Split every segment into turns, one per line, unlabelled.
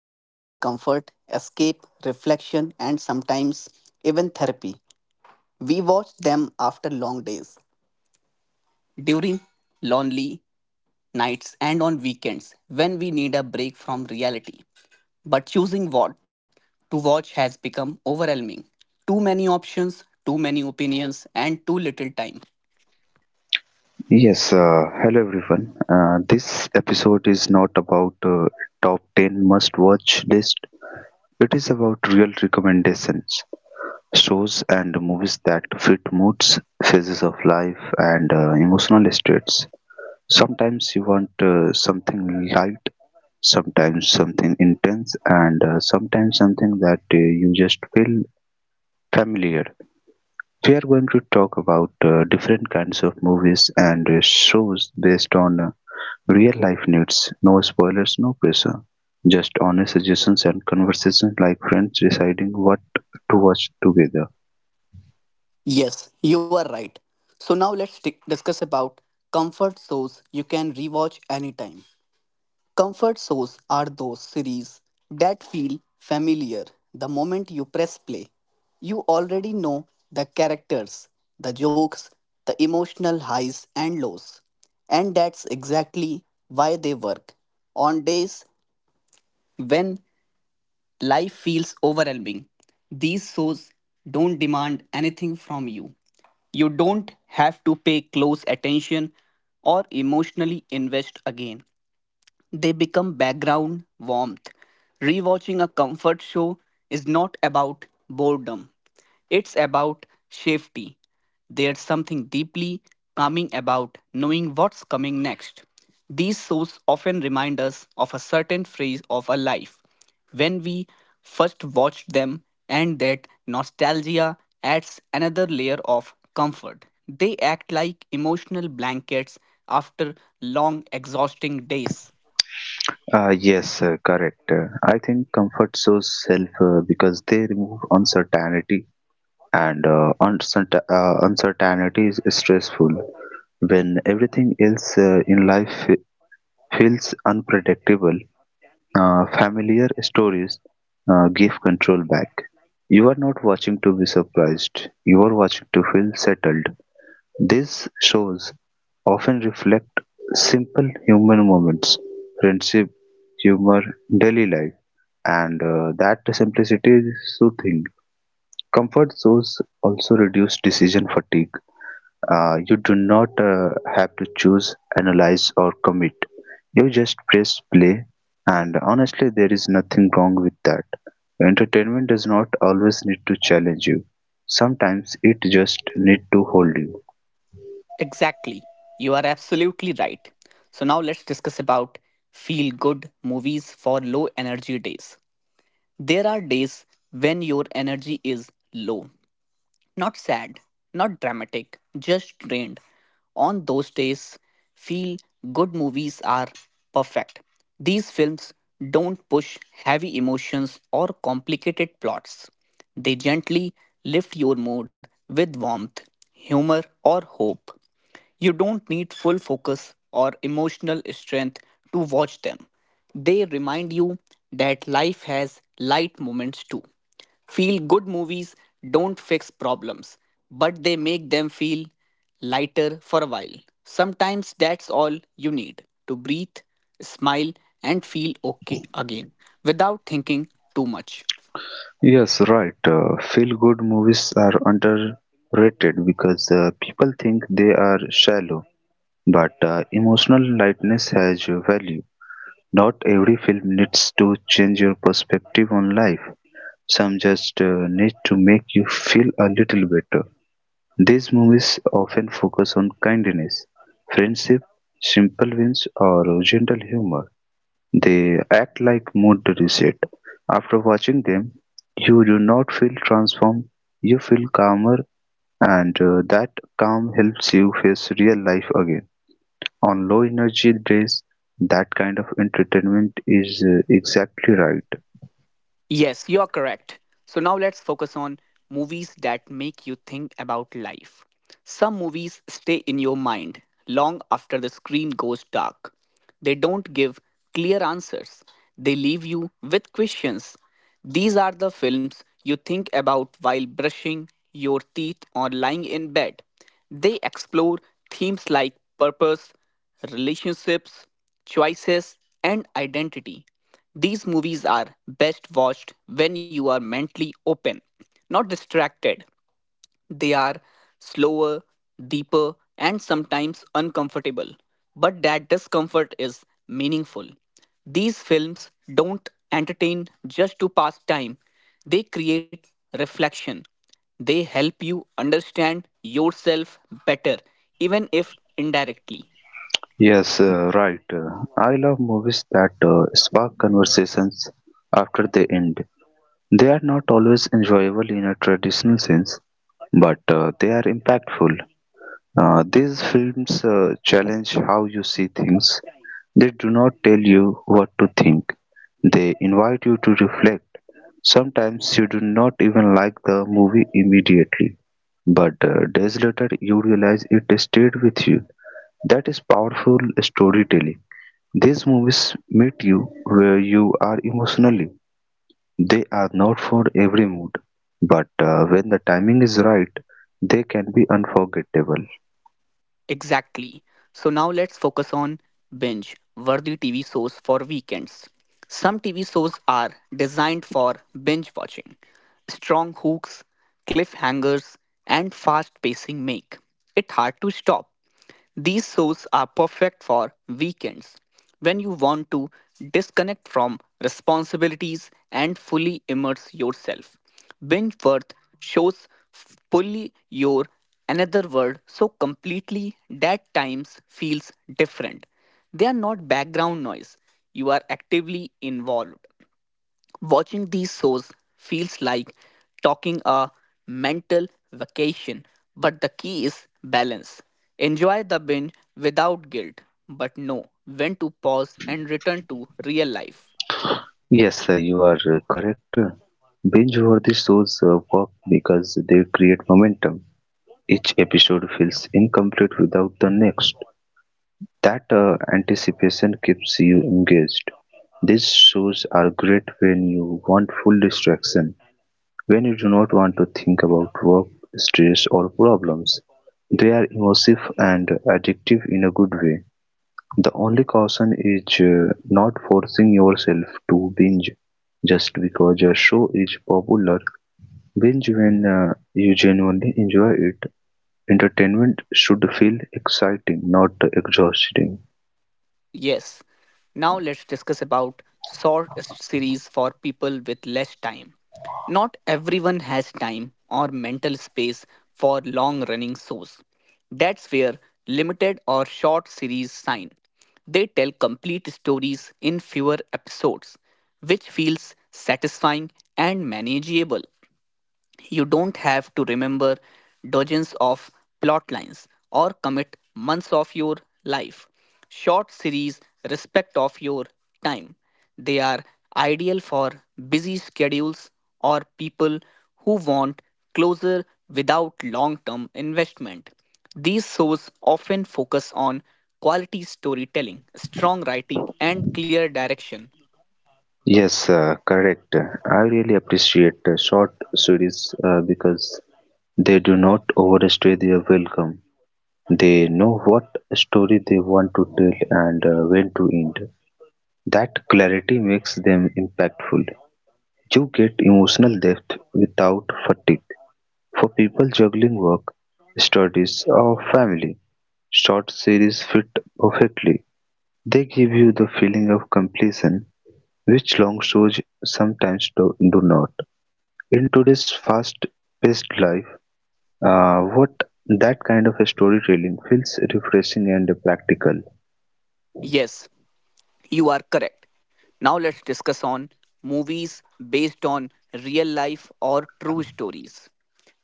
they are comfort, escape, reflection, and sometimes even therapy. We watch them after long days, during lonely nights, and on weekends when we need a break from reality. But choosing what to watch has become overwhelming. Too many options, too many opinions, and too little time.
Yes, hello everyone. This episode is not about top 10 must watch list. It is about real recommendations, shows and movies that fit moods, phases of life and emotional states. Sometimes you want something light, sometimes something intense and sometimes something that you just feel familiar. We are going to talk about different kinds of movies and shows based on real life needs no spoilers, no pressure, just honest suggestions and conversations like friends deciding what to watch together.
Yes, you are right. So now let's discuss about comfort shows you can rewatch anytime. Comfort shows are those series that feel familiar the moment you press play. You already know the characters, the jokes, the emotional highs and lows. And that's exactly why they work. On days when life feels overwhelming, these shows don't demand anything from you. You don't have to pay close attention or emotionally invest again. They become background warmth. Rewatching a comfort show is not about boredom, it's about safety. There's something deeply calming about knowing what's coming next. These shows often remind us of a certain phase of our life when we first watched them, and that nostalgia adds another layer of comfort. They act like emotional blankets after long, exhausting days.
Yes, correct. I think comfort shows self because they remove uncertainty, and uncertainty is stressful. When everything else in life feels unpredictable. Familiar stories give control back. You are not watching to be surprised, you are watching to feel settled. These shows often reflect simple human moments, friendship, humor, daily life, and that simplicity is soothing. Comfort shows also reduce decision fatigue. You do not have to choose, analyze, or commit. You just press play, and honestly, there is nothing wrong with that. Entertainment does not always need to challenge you, sometimes it just need to hold you.
Exactly. You are absolutely right. So now let's discuss about feel good movies for low energy days. There are days when your energy is low, not sad, not dramatic, just drained. On those days, feel good movies are perfect. These films don't push heavy emotions or complicated plots. They gently lift your mood with warmth, humor, or hope. You don't need full focus or emotional strength to watch them. They remind you that life has light moments too. Feel good movies don't fix problems, but they make them feel lighter for a while. Sometimes that's all you need to breathe, smile, and feel okay again without thinking too much.
Yes, right. Feel good movies are underrated because people think they are shallow, but emotional lightness has value. Not every film needs to change your perspective on life. Some just need to make you feel a little better. These movies often focus on kindness, friendship, simple wins, or gentle humor. They act like mood reset. After watching them, you do not feel transformed, you feel calmer, and that calm helps you face real life again. On low energy days, that kind of entertainment is exactly right.
Yes, you're correct. So now let's focus on movies that make you think about life. Some movies stay in your mind long after the screen goes dark. They don't give clear answers, they leave you with questions. These are the films you think about while brushing your teeth or lying in bed. They explore themes like purpose, relationships, choices, and identity. These movies are best watched when you are mentally open, not distracted. They are slower, deeper, and sometimes uncomfortable, but that discomfort is meaningful. These films don't entertain just to pass time, they create reflection. They help you understand yourself better, even if indirectly.
Yes, right. I love movies that spark conversations after they end. They are not always enjoyable in a traditional sense, but they are impactful. These films challenge how you see things. They do not tell you what to think, they invite you to reflect. Sometimes you do not even like the movie immediately, but days later you realize it stayed with you. That is powerful storytelling. These movies meet you where you are emotionally. They are not for every mood, but when the timing is right, they can be unforgettable.
Exactly. So now let's focus on binge worthy TV shows for weekends. Some TV shows are designed for binge watching. Strong hooks, cliffhangers, and fast pacing make it hard to stop. These shows are perfect for weekends when you want to disconnect from responsibilities and fully immerse yourself. Binge worth shows fully your another world so completely that times feels different. They are not background noise. You are actively involved. Watching these shows feels like talking a mental vacation, but the key is balance. Enjoy the binge without guilt, but know when to pause and return to real life.
Yes, sir, you are correct. Binge worthy shows work because they create momentum. Each episode feels incomplete without the next. That anticipation keeps you engaged. These shows are great when you want full distraction. When you do not want to think about work, stress, or problems, they are immersive and addictive in a good way. The only caution is not forcing yourself to binge just because a show is popular. Binge when you genuinely enjoy it. Entertainment should feel exciting, not exhausting.
Yes. Now let's discuss about short series for people with less time. Not everyone has time or mental space for long running shows. That's where limited or short series sign. They tell complete stories in fewer episodes, which feels satisfying and manageable. You don't have to remember dozens of plot lines or commit months of your life. Short series respect of your time. They are ideal for busy schedules or people who want closer without long term investment. These shows often focus on quality storytelling, strong writing, and clear direction.
Yes, correct. I really appreciate short series because they do not overstay their welcome. They know what story they want to tell and when to end. That clarity makes them impactful. You get emotional depth without fatigue. For people juggling work, studies, or family, short series fit perfectly. They give you the feeling of completion, which long shows sometimes do not. In today's fast paced life, what that kind of storytelling feels refreshing and practical.
Yes, you are correct. Now let's discuss on movies based on real life or true stories.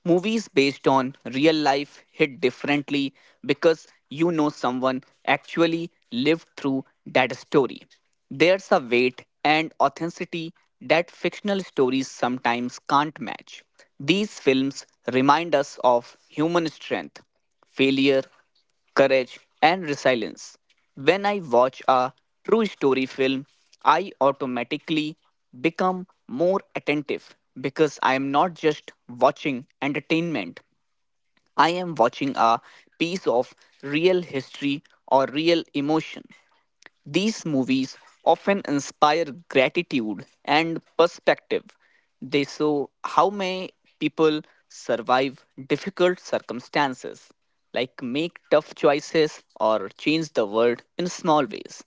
Movies based on real life hit differently because you know someone actually lived through that story. There's a weight and authenticity that fictional stories sometimes can't match. These films remind us of human strength, failure, courage, and resilience. When I watch a true story film, I automatically become more attentive because I am not just watching entertainment, I am watching a piece of real history or real emotion. These movies often inspire gratitude and perspective. They show how may people survive difficult circumstances, like make tough choices or change the world in small ways.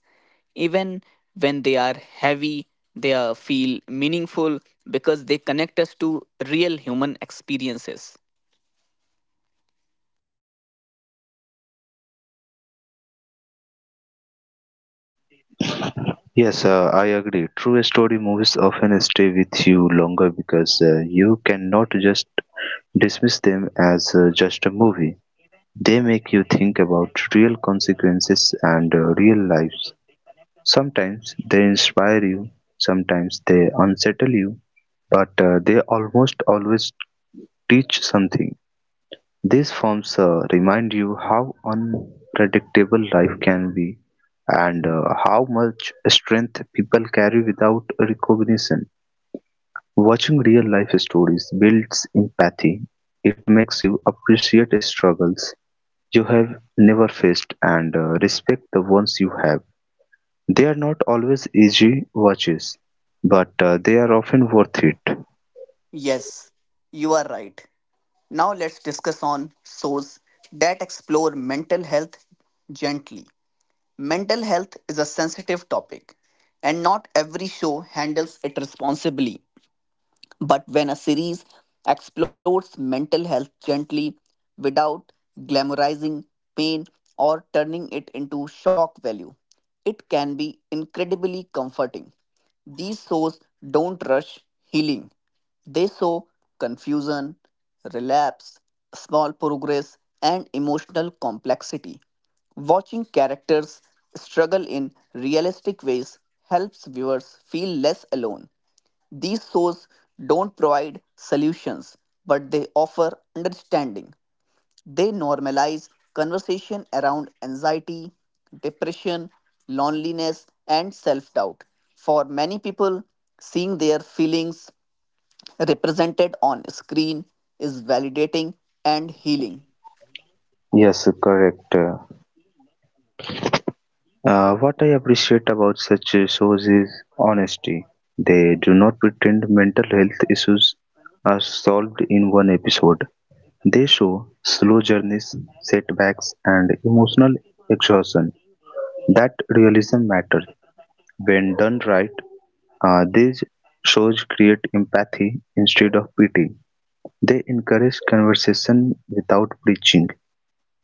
Even when they are heavy, they feel meaningful because they connect us to real human experiences.
Yes, I agree. True story movies often stay with you longer because you cannot just dismiss them as just a movie. They make you think about real consequences and real lives. Sometimes they inspire you, sometimes they unsettle you, but they almost always teach something. These films remind you how unpredictable life can be and how much strength people carry without recognition. Watching real life stories builds empathy. It makes you appreciate struggles you have never faced and respect the ones you have. They are not always easy watches, but they are often worth it.
Yes, you are right. Now let's discuss on shows that explore mental health gently. Mental health is a sensitive topic and not every show handles it responsibly. But when a series explores mental health gently without glamorizing pain or turning it into shock value, it can be incredibly comforting. These shows don't rush healing, they show confusion, relapse, small progress, and emotional complexity. Watching characters struggle in realistic ways helps viewers feel less alone. These shows don't provide solutions, but they offer understanding. They normalize conversation around anxiety, depression, loneliness, and self doubt. For many people, seeing their feelings represented on screen is validating and healing.
Yes, correct. What I appreciate about such shows is honesty. They do not pretend mental health issues are solved in one episode. They show slow journeys, setbacks, and emotional exhaustion. That realism matters. When done right, these shows create empathy instead of pity. They encourage conversation without preaching.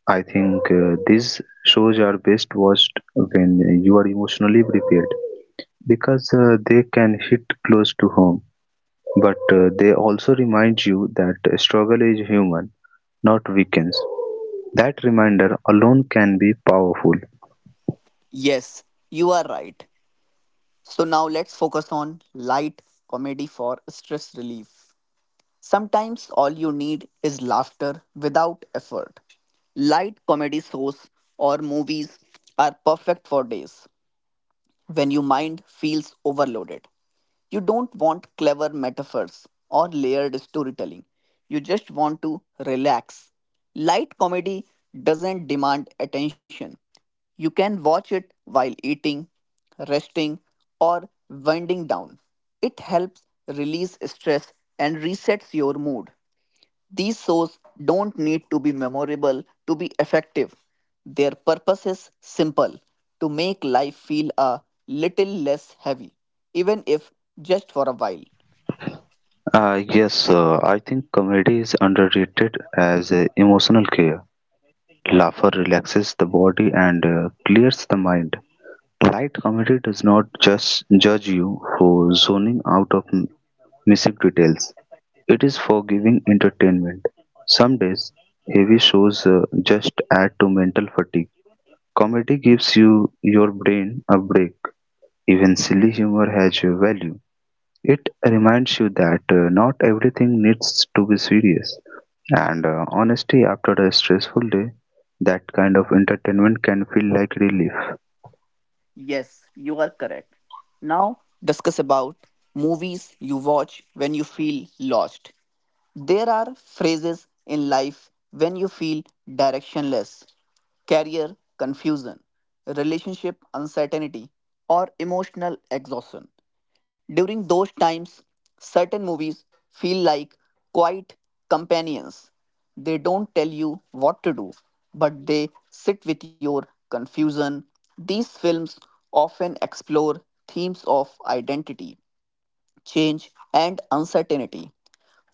I think these shows are best watched when you are emotionally prepared. Because they can hit close to home, but they also remind you that struggle is human, not weakness. That reminder alone can be powerful.
Yes, you are right. So now let's focus on light comedy for stress relief. Sometimes all you need is laughter without effort. Light comedy shows or movies are perfect for days when your mind feels overloaded. You don't want clever metaphors or layered storytelling. You just want to relax. Light comedy doesn't demand attention. You can watch it while eating, resting, or winding down. It helps release stress and resets your mood. These shows don't need to be memorable to be effective. Their purpose is simple to make life feel a little less heavy, even if just for a while.
Yes, I think comedy is underrated as emotional care. Laughter relaxes the body and clears the mind. Light comedy does not just judge you for zoning out of missive details. It is for giving entertainment. Some days, heavy shows just add to mental fatigue. Comedy gives you your brain a break. Even silly humor has a value. It reminds you that not everything needs to be serious. And honestly, after a stressful day, that kind of entertainment can feel like relief.
Yes, you are correct. Now, discuss about movies you watch when you feel lost. There are phrases in life when you feel directionless career confusion, relationship uncertainty, or emotional exhaustion. During those times, certain movies feel like quiet companions. They don't tell you what to do, but they sit with your confusion. These films often explore themes of identity change, and uncertainty.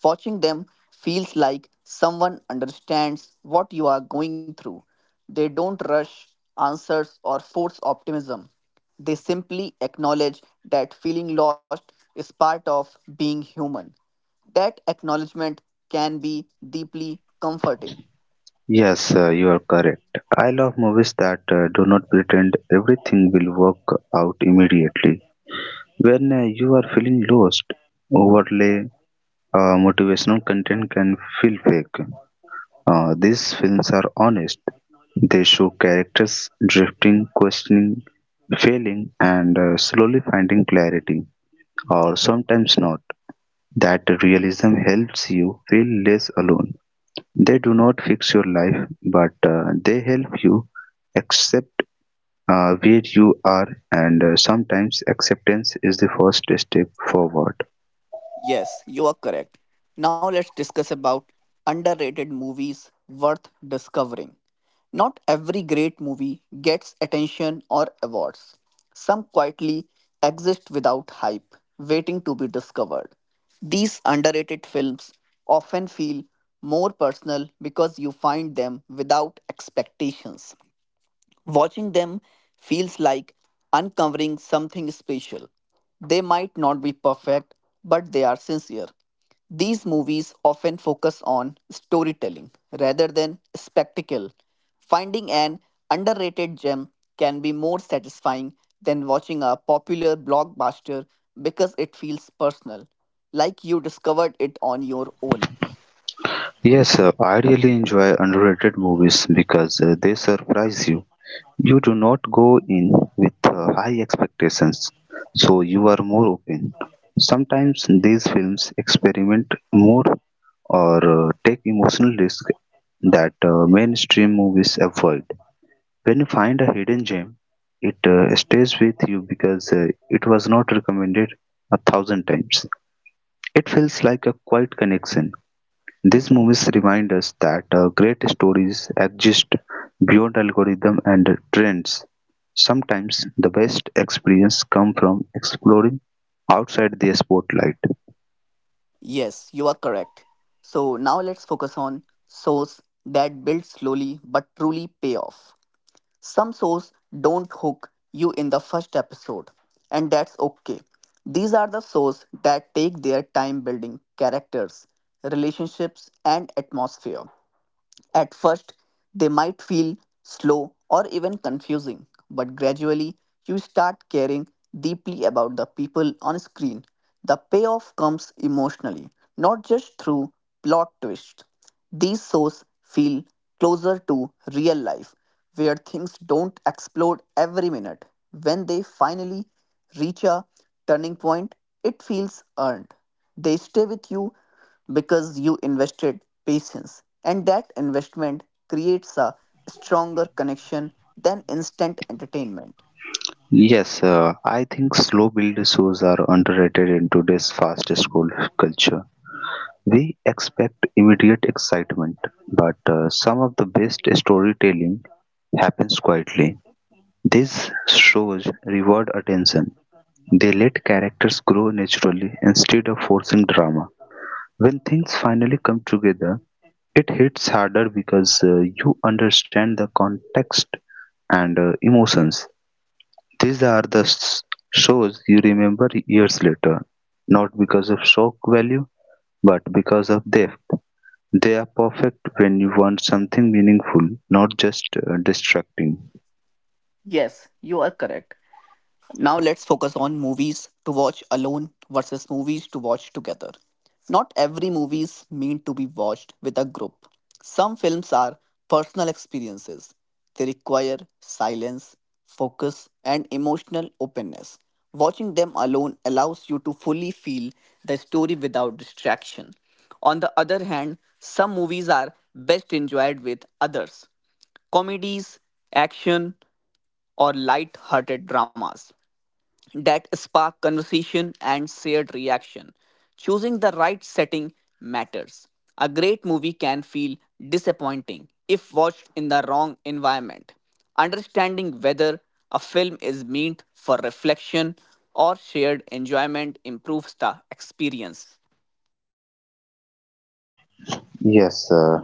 Watching them feels like someone understands what you are going through. They don't rush answers or force optimism. They simply acknowledge that feeling lost is part of being human. That acknowledgement can be deeply comforting.
Yes, you are correct. I love movies that do not pretend everything will work out immediately. When you are feeling lost, overlay motivational content can feel fake. These films are honest. They show characters drifting, questioning, failing, and slowly finding clarity, or sometimes not. That realism helps you feel less alone. They do not fix your life, but they help you accept where you are, and sometimes acceptance is the first step forward.
Yes, you are correct. Now let's discuss about underrated movies worth discovering. Not every great movie gets attention or awards. Some quietly exist without hype, waiting to be discovered. These underrated films often feel more personal because you find them without expectations. Watching them feels like uncovering something special. They might not be perfect, but they are sincere. These movies often focus on storytelling rather than spectacle. Finding an underrated gem can be more satisfying than watching a popular blockbuster because it feels personal, like you discovered it on your own.
Yes, sir, I really enjoy underrated movies because they surprise you. You do not go in with high expectations, so you are more open. Sometimes these films experiment more or take emotional risks that mainstream movies avoid. When you find a hidden gem, it stays with you because it was not recommended a thousand times. It feels like a quiet connection. These movies remind us that great stories exist beyond algorithm and trends. Sometimes the best experience come from exploring outside the spotlight.
Yes, you are correct. So now let's focus on source that build slowly but truly pay off. Some source don't hook you in the first episode, and that's okay. These are the source that take their time building characters, relationships, and atmosphere. At first, they might feel slow or even confusing, but gradually you start caring deeply about the people on screen. The payoff comes emotionally, not just through plot twists. These shows feel closer to real life, where things don't explode every minute. When they finally reach a turning point, it feels earned. They stay with you because you invested patience and that investment creates a stronger connection than instant entertainment.
Yes, I think slow build shows are underrated in today's fast school culture. We expect immediate excitement, but some of the best storytelling happens quietly. These shows reward attention. They let characters grow naturally instead of forcing drama. When things finally come together, it hits harder because you understand the context and emotions. These are the shows you remember years later, not because of shock value, but because of depth. They are perfect when you want something meaningful, not just distracting.
Yes, you are correct. Now let's focus on movies to watch alone versus movies to watch together. Not every movie is meant to be watched with a group. Some films are personal experiences. They require silence, focus, and emotional openness. Watching them alone allows you to fully feel the story without distraction. On the other hand, some movies are best enjoyed with others comedies, action, or light hearted dramas that spark conversation and shared reaction. Choosing the right setting matters. A great movie can feel disappointing if watched in the wrong environment. Understanding whether a film is meant for reflection or shared enjoyment improves the experience.
Yes, uh,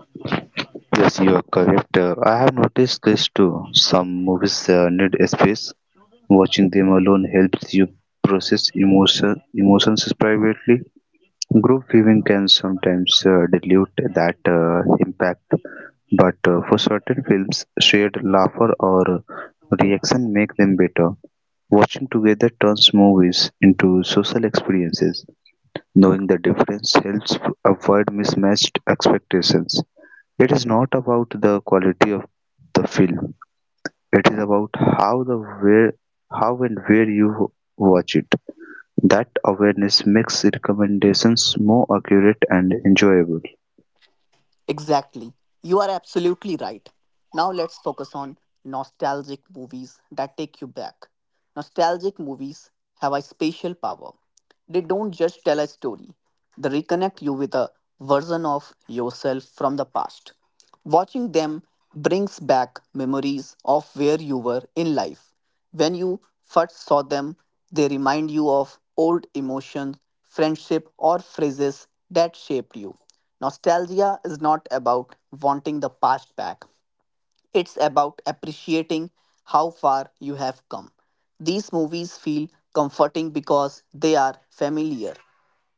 Yes, you are correct. I have noticed this too. Some movies need a space. Watching them alone helps you process emotions privately. Group viewing can sometimes dilute that impact, but for certain films, shared laughter or reaction make them better. Watching together turns movies into social experiences. Knowing the difference helps avoid mismatched expectations. It is not about the quality of the film, it is about how the where how and where you watch it. That awareness makes recommendations more accurate and enjoyable.
Exactly. You are absolutely right. Now let's focus on nostalgic movies that take you back. Nostalgic movies have a special power. They don't just tell a story, they reconnect you with a version of yourself from the past. Watching them brings back memories of where you were in life. When you first saw them, they remind you of old emotions, friendship, or phrases that shaped you. Nostalgia is not about wanting the past back, it's about appreciating how far you have come. These movies feel comforting because they are familiar.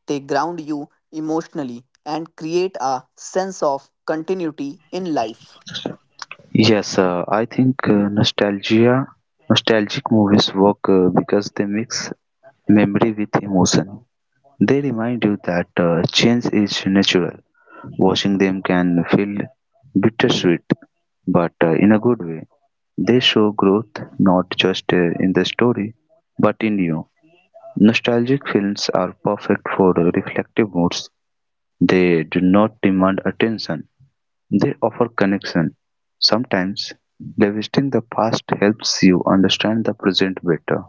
They ground you emotionally and create a sense of continuity in life.
Yes, I think nostalgia nostalgic movies work because they mix memory with emotion. They remind you that change is natural. Watching them can feel bittersweet, but in a good way. They show growth not just in the story, but in you. Nostalgic films are perfect for reflective moods. They do not demand attention, they offer connection. Sometimes, revisiting the past helps you understand the present better.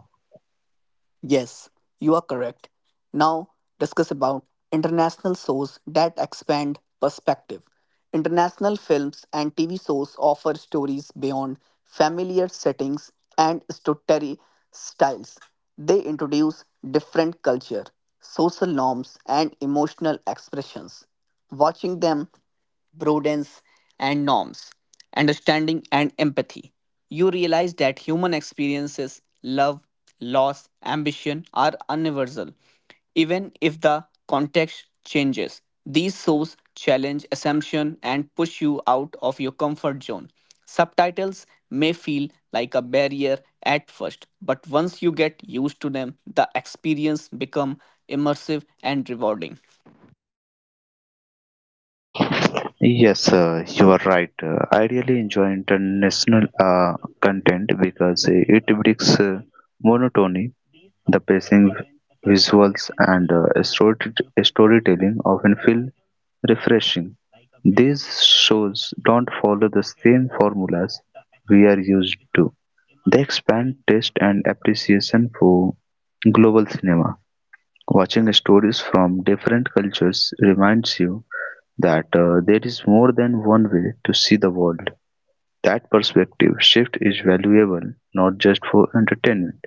Yes, you are correct. Now discuss about international shows that expand perspective. International films and TV shows offer stories beyond familiar settings and story styles. They introduce different culture, social norms, and emotional expressions. Watching them broadens and norms, understanding and empathy. You realize that human experiences, love, loss, ambition are universal even if the context changes. These shows challenge assumption and push you out of your comfort zone. Subtitles may feel like a barrier at first, but once you get used to them, the experience become immersive and rewarding.
Yes, you are right. I really enjoy international content because it breaks monotony. The pacing, visuals, and storytelling often feel refreshing. These shows don't follow the same formulas we are used to. They expand taste and appreciation for global cinema. Watching stories from different cultures reminds you that there is more than one way to see the world. That perspective shift is valuable not just for entertainment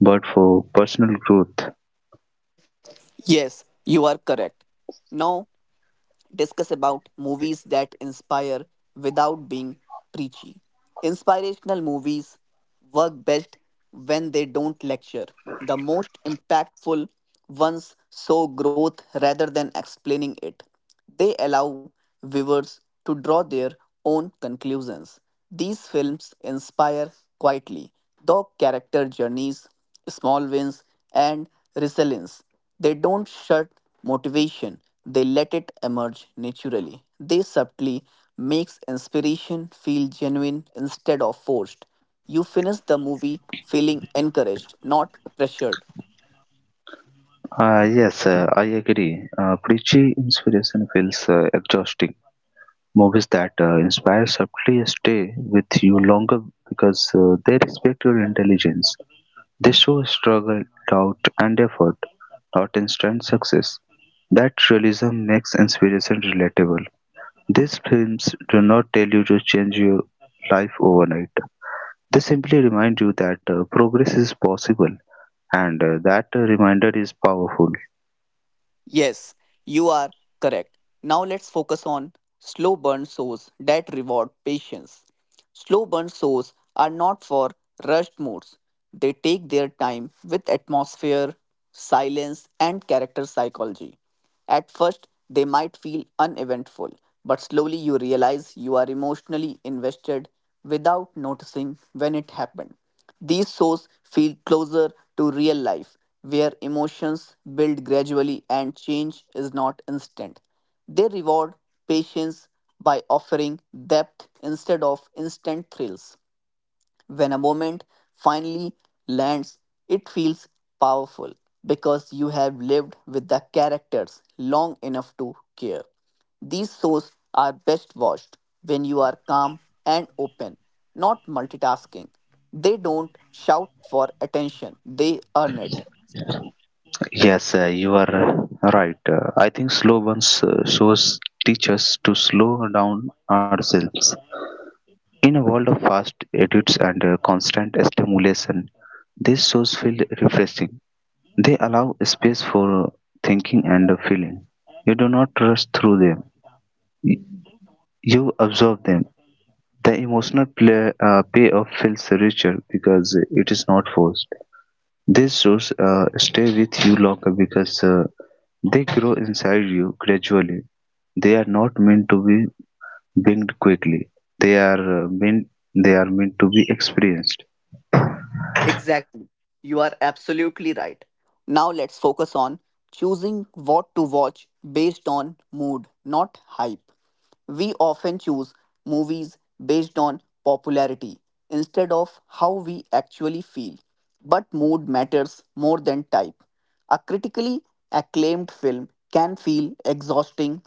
but for personal growth.
Yes, you are correct. Now discuss about movies that inspire without being preachy. Inspirational movies work best when they don't lecture. The most impactful ones show growth rather than explaining it. They allow viewers to draw their own conclusions. These films inspire quietly, though character journeys, small wins, and resilience they don't shut motivation, they let it emerge naturally. They subtly makes inspiration feel genuine instead of forced. You finish the movie feeling encouraged, not pressured.
Yes, I agree. Preachy inspiration feels exhausting. Movies that inspire subtly stay with you longer because they respect your intelligence. They show struggle, doubt, and effort, not instant success. That realism makes inspiration relatable. These films do not tell you to change your life overnight. They simply remind you that progress is possible, and that reminder is powerful.
Yes, you are correct. Now let's focus on slow burn shows that reward patience. Slow burn shows are not for rushed moods. They take their time with atmosphere, silence, and character psychology. At first, they might feel uneventful, but slowly you realize you are emotionally invested without noticing when it happened. These shows feel closer to real life, where emotions build gradually and change is not instant. They reward patience by offering depth instead of instant thrills. When a moment finally lands, it feels powerful because you have lived with the characters long enough to care. These shows are best watched when you are calm and open, not multitasking. They don't shout for attention, they earn it.
Yes, you are right. I think slow ones shows teach us to slow down ourselves. In a world of fast edits and constant stimulation, these shows feel refreshing. They allow space for thinking and feeling. You do not rush through them. Y- You observe them. The emotional payoff feels richer because it is not forced. These shows stay with you longer because they grow inside you gradually. They are not meant to be binged quickly. They are meant to be experienced.
Exactly. You are absolutely right. Now let's focus on choosing what to watch based on mood, not hype. We often choose movies based on popularity instead of how we actually feel. But mood matters more than type. A critically acclaimed film can feel exhausting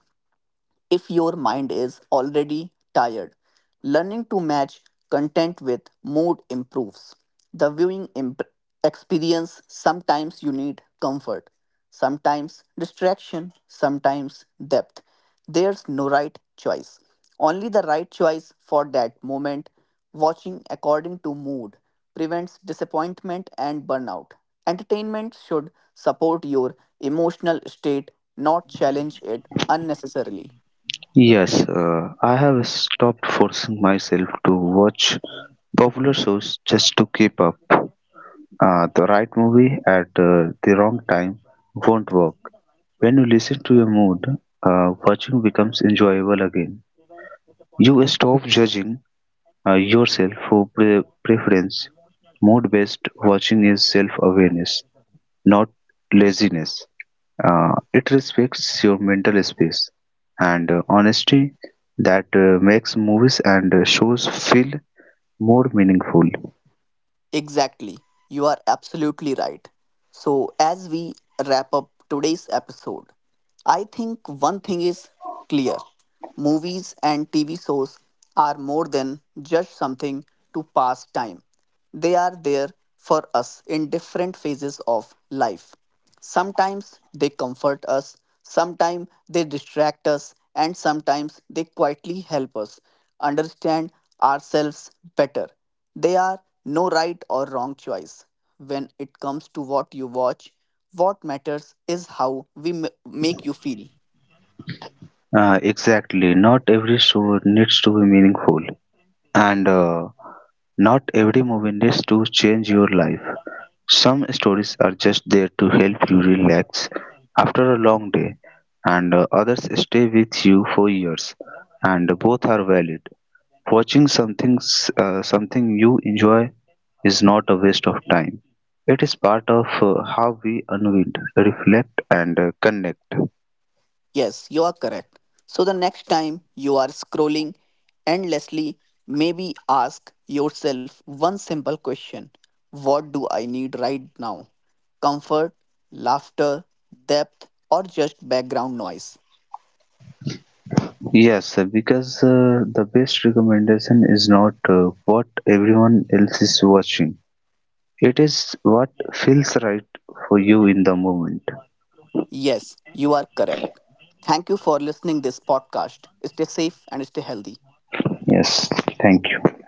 if your mind is already tired. Learning to match content with mood improves the viewing experience. Sometimes you need comfort, sometimes distraction, sometimes depth. There's no right choice, only the right choice for that moment. Watching according to mood prevents disappointment and burnout. Entertainment should support your emotional state, not challenge it unnecessarily.
Yes, I have stopped forcing myself to watch popular shows just to keep up. The right movie at the wrong time won't work. When you listen to your mood, watching becomes enjoyable again. You stop judging yourself for preference. Mode based watching is self awareness, not laziness. It respects your mental space and honesty that makes movies and shows feel more meaningful.
Exactly. You are absolutely right. So, as we wrap up today's episode, I think one thing is clear movies and TV shows are more than just something to pass time, they are there for us in different phases of life. Sometimes they comfort us, sometimes they distract us, and sometimes they quietly help us understand ourselves better. They are no right or wrong choice. When it comes to what you watch, what matters is how we make you feel.
Exactly, not every show needs to be meaningful. And not every movie needs to change your life. Some stories are just there to help you relax after a long day, and others stay with you for years, and both are valid. Watching something you enjoy is not a waste of time. It is part of how we unwind, reflect, and connect.
Yes, you are correct. So the next time you are scrolling endlessly, maybe ask yourself one simple question What do I need right now? Comfort, laughter, depth, or just background noise?
Yes, because the best recommendation is not what everyone else is watching. It is what feels right for you in the moment.
Yes, you are correct. Thank you for listening this podcast. Stay safe and stay healthy.
Yes, thank you.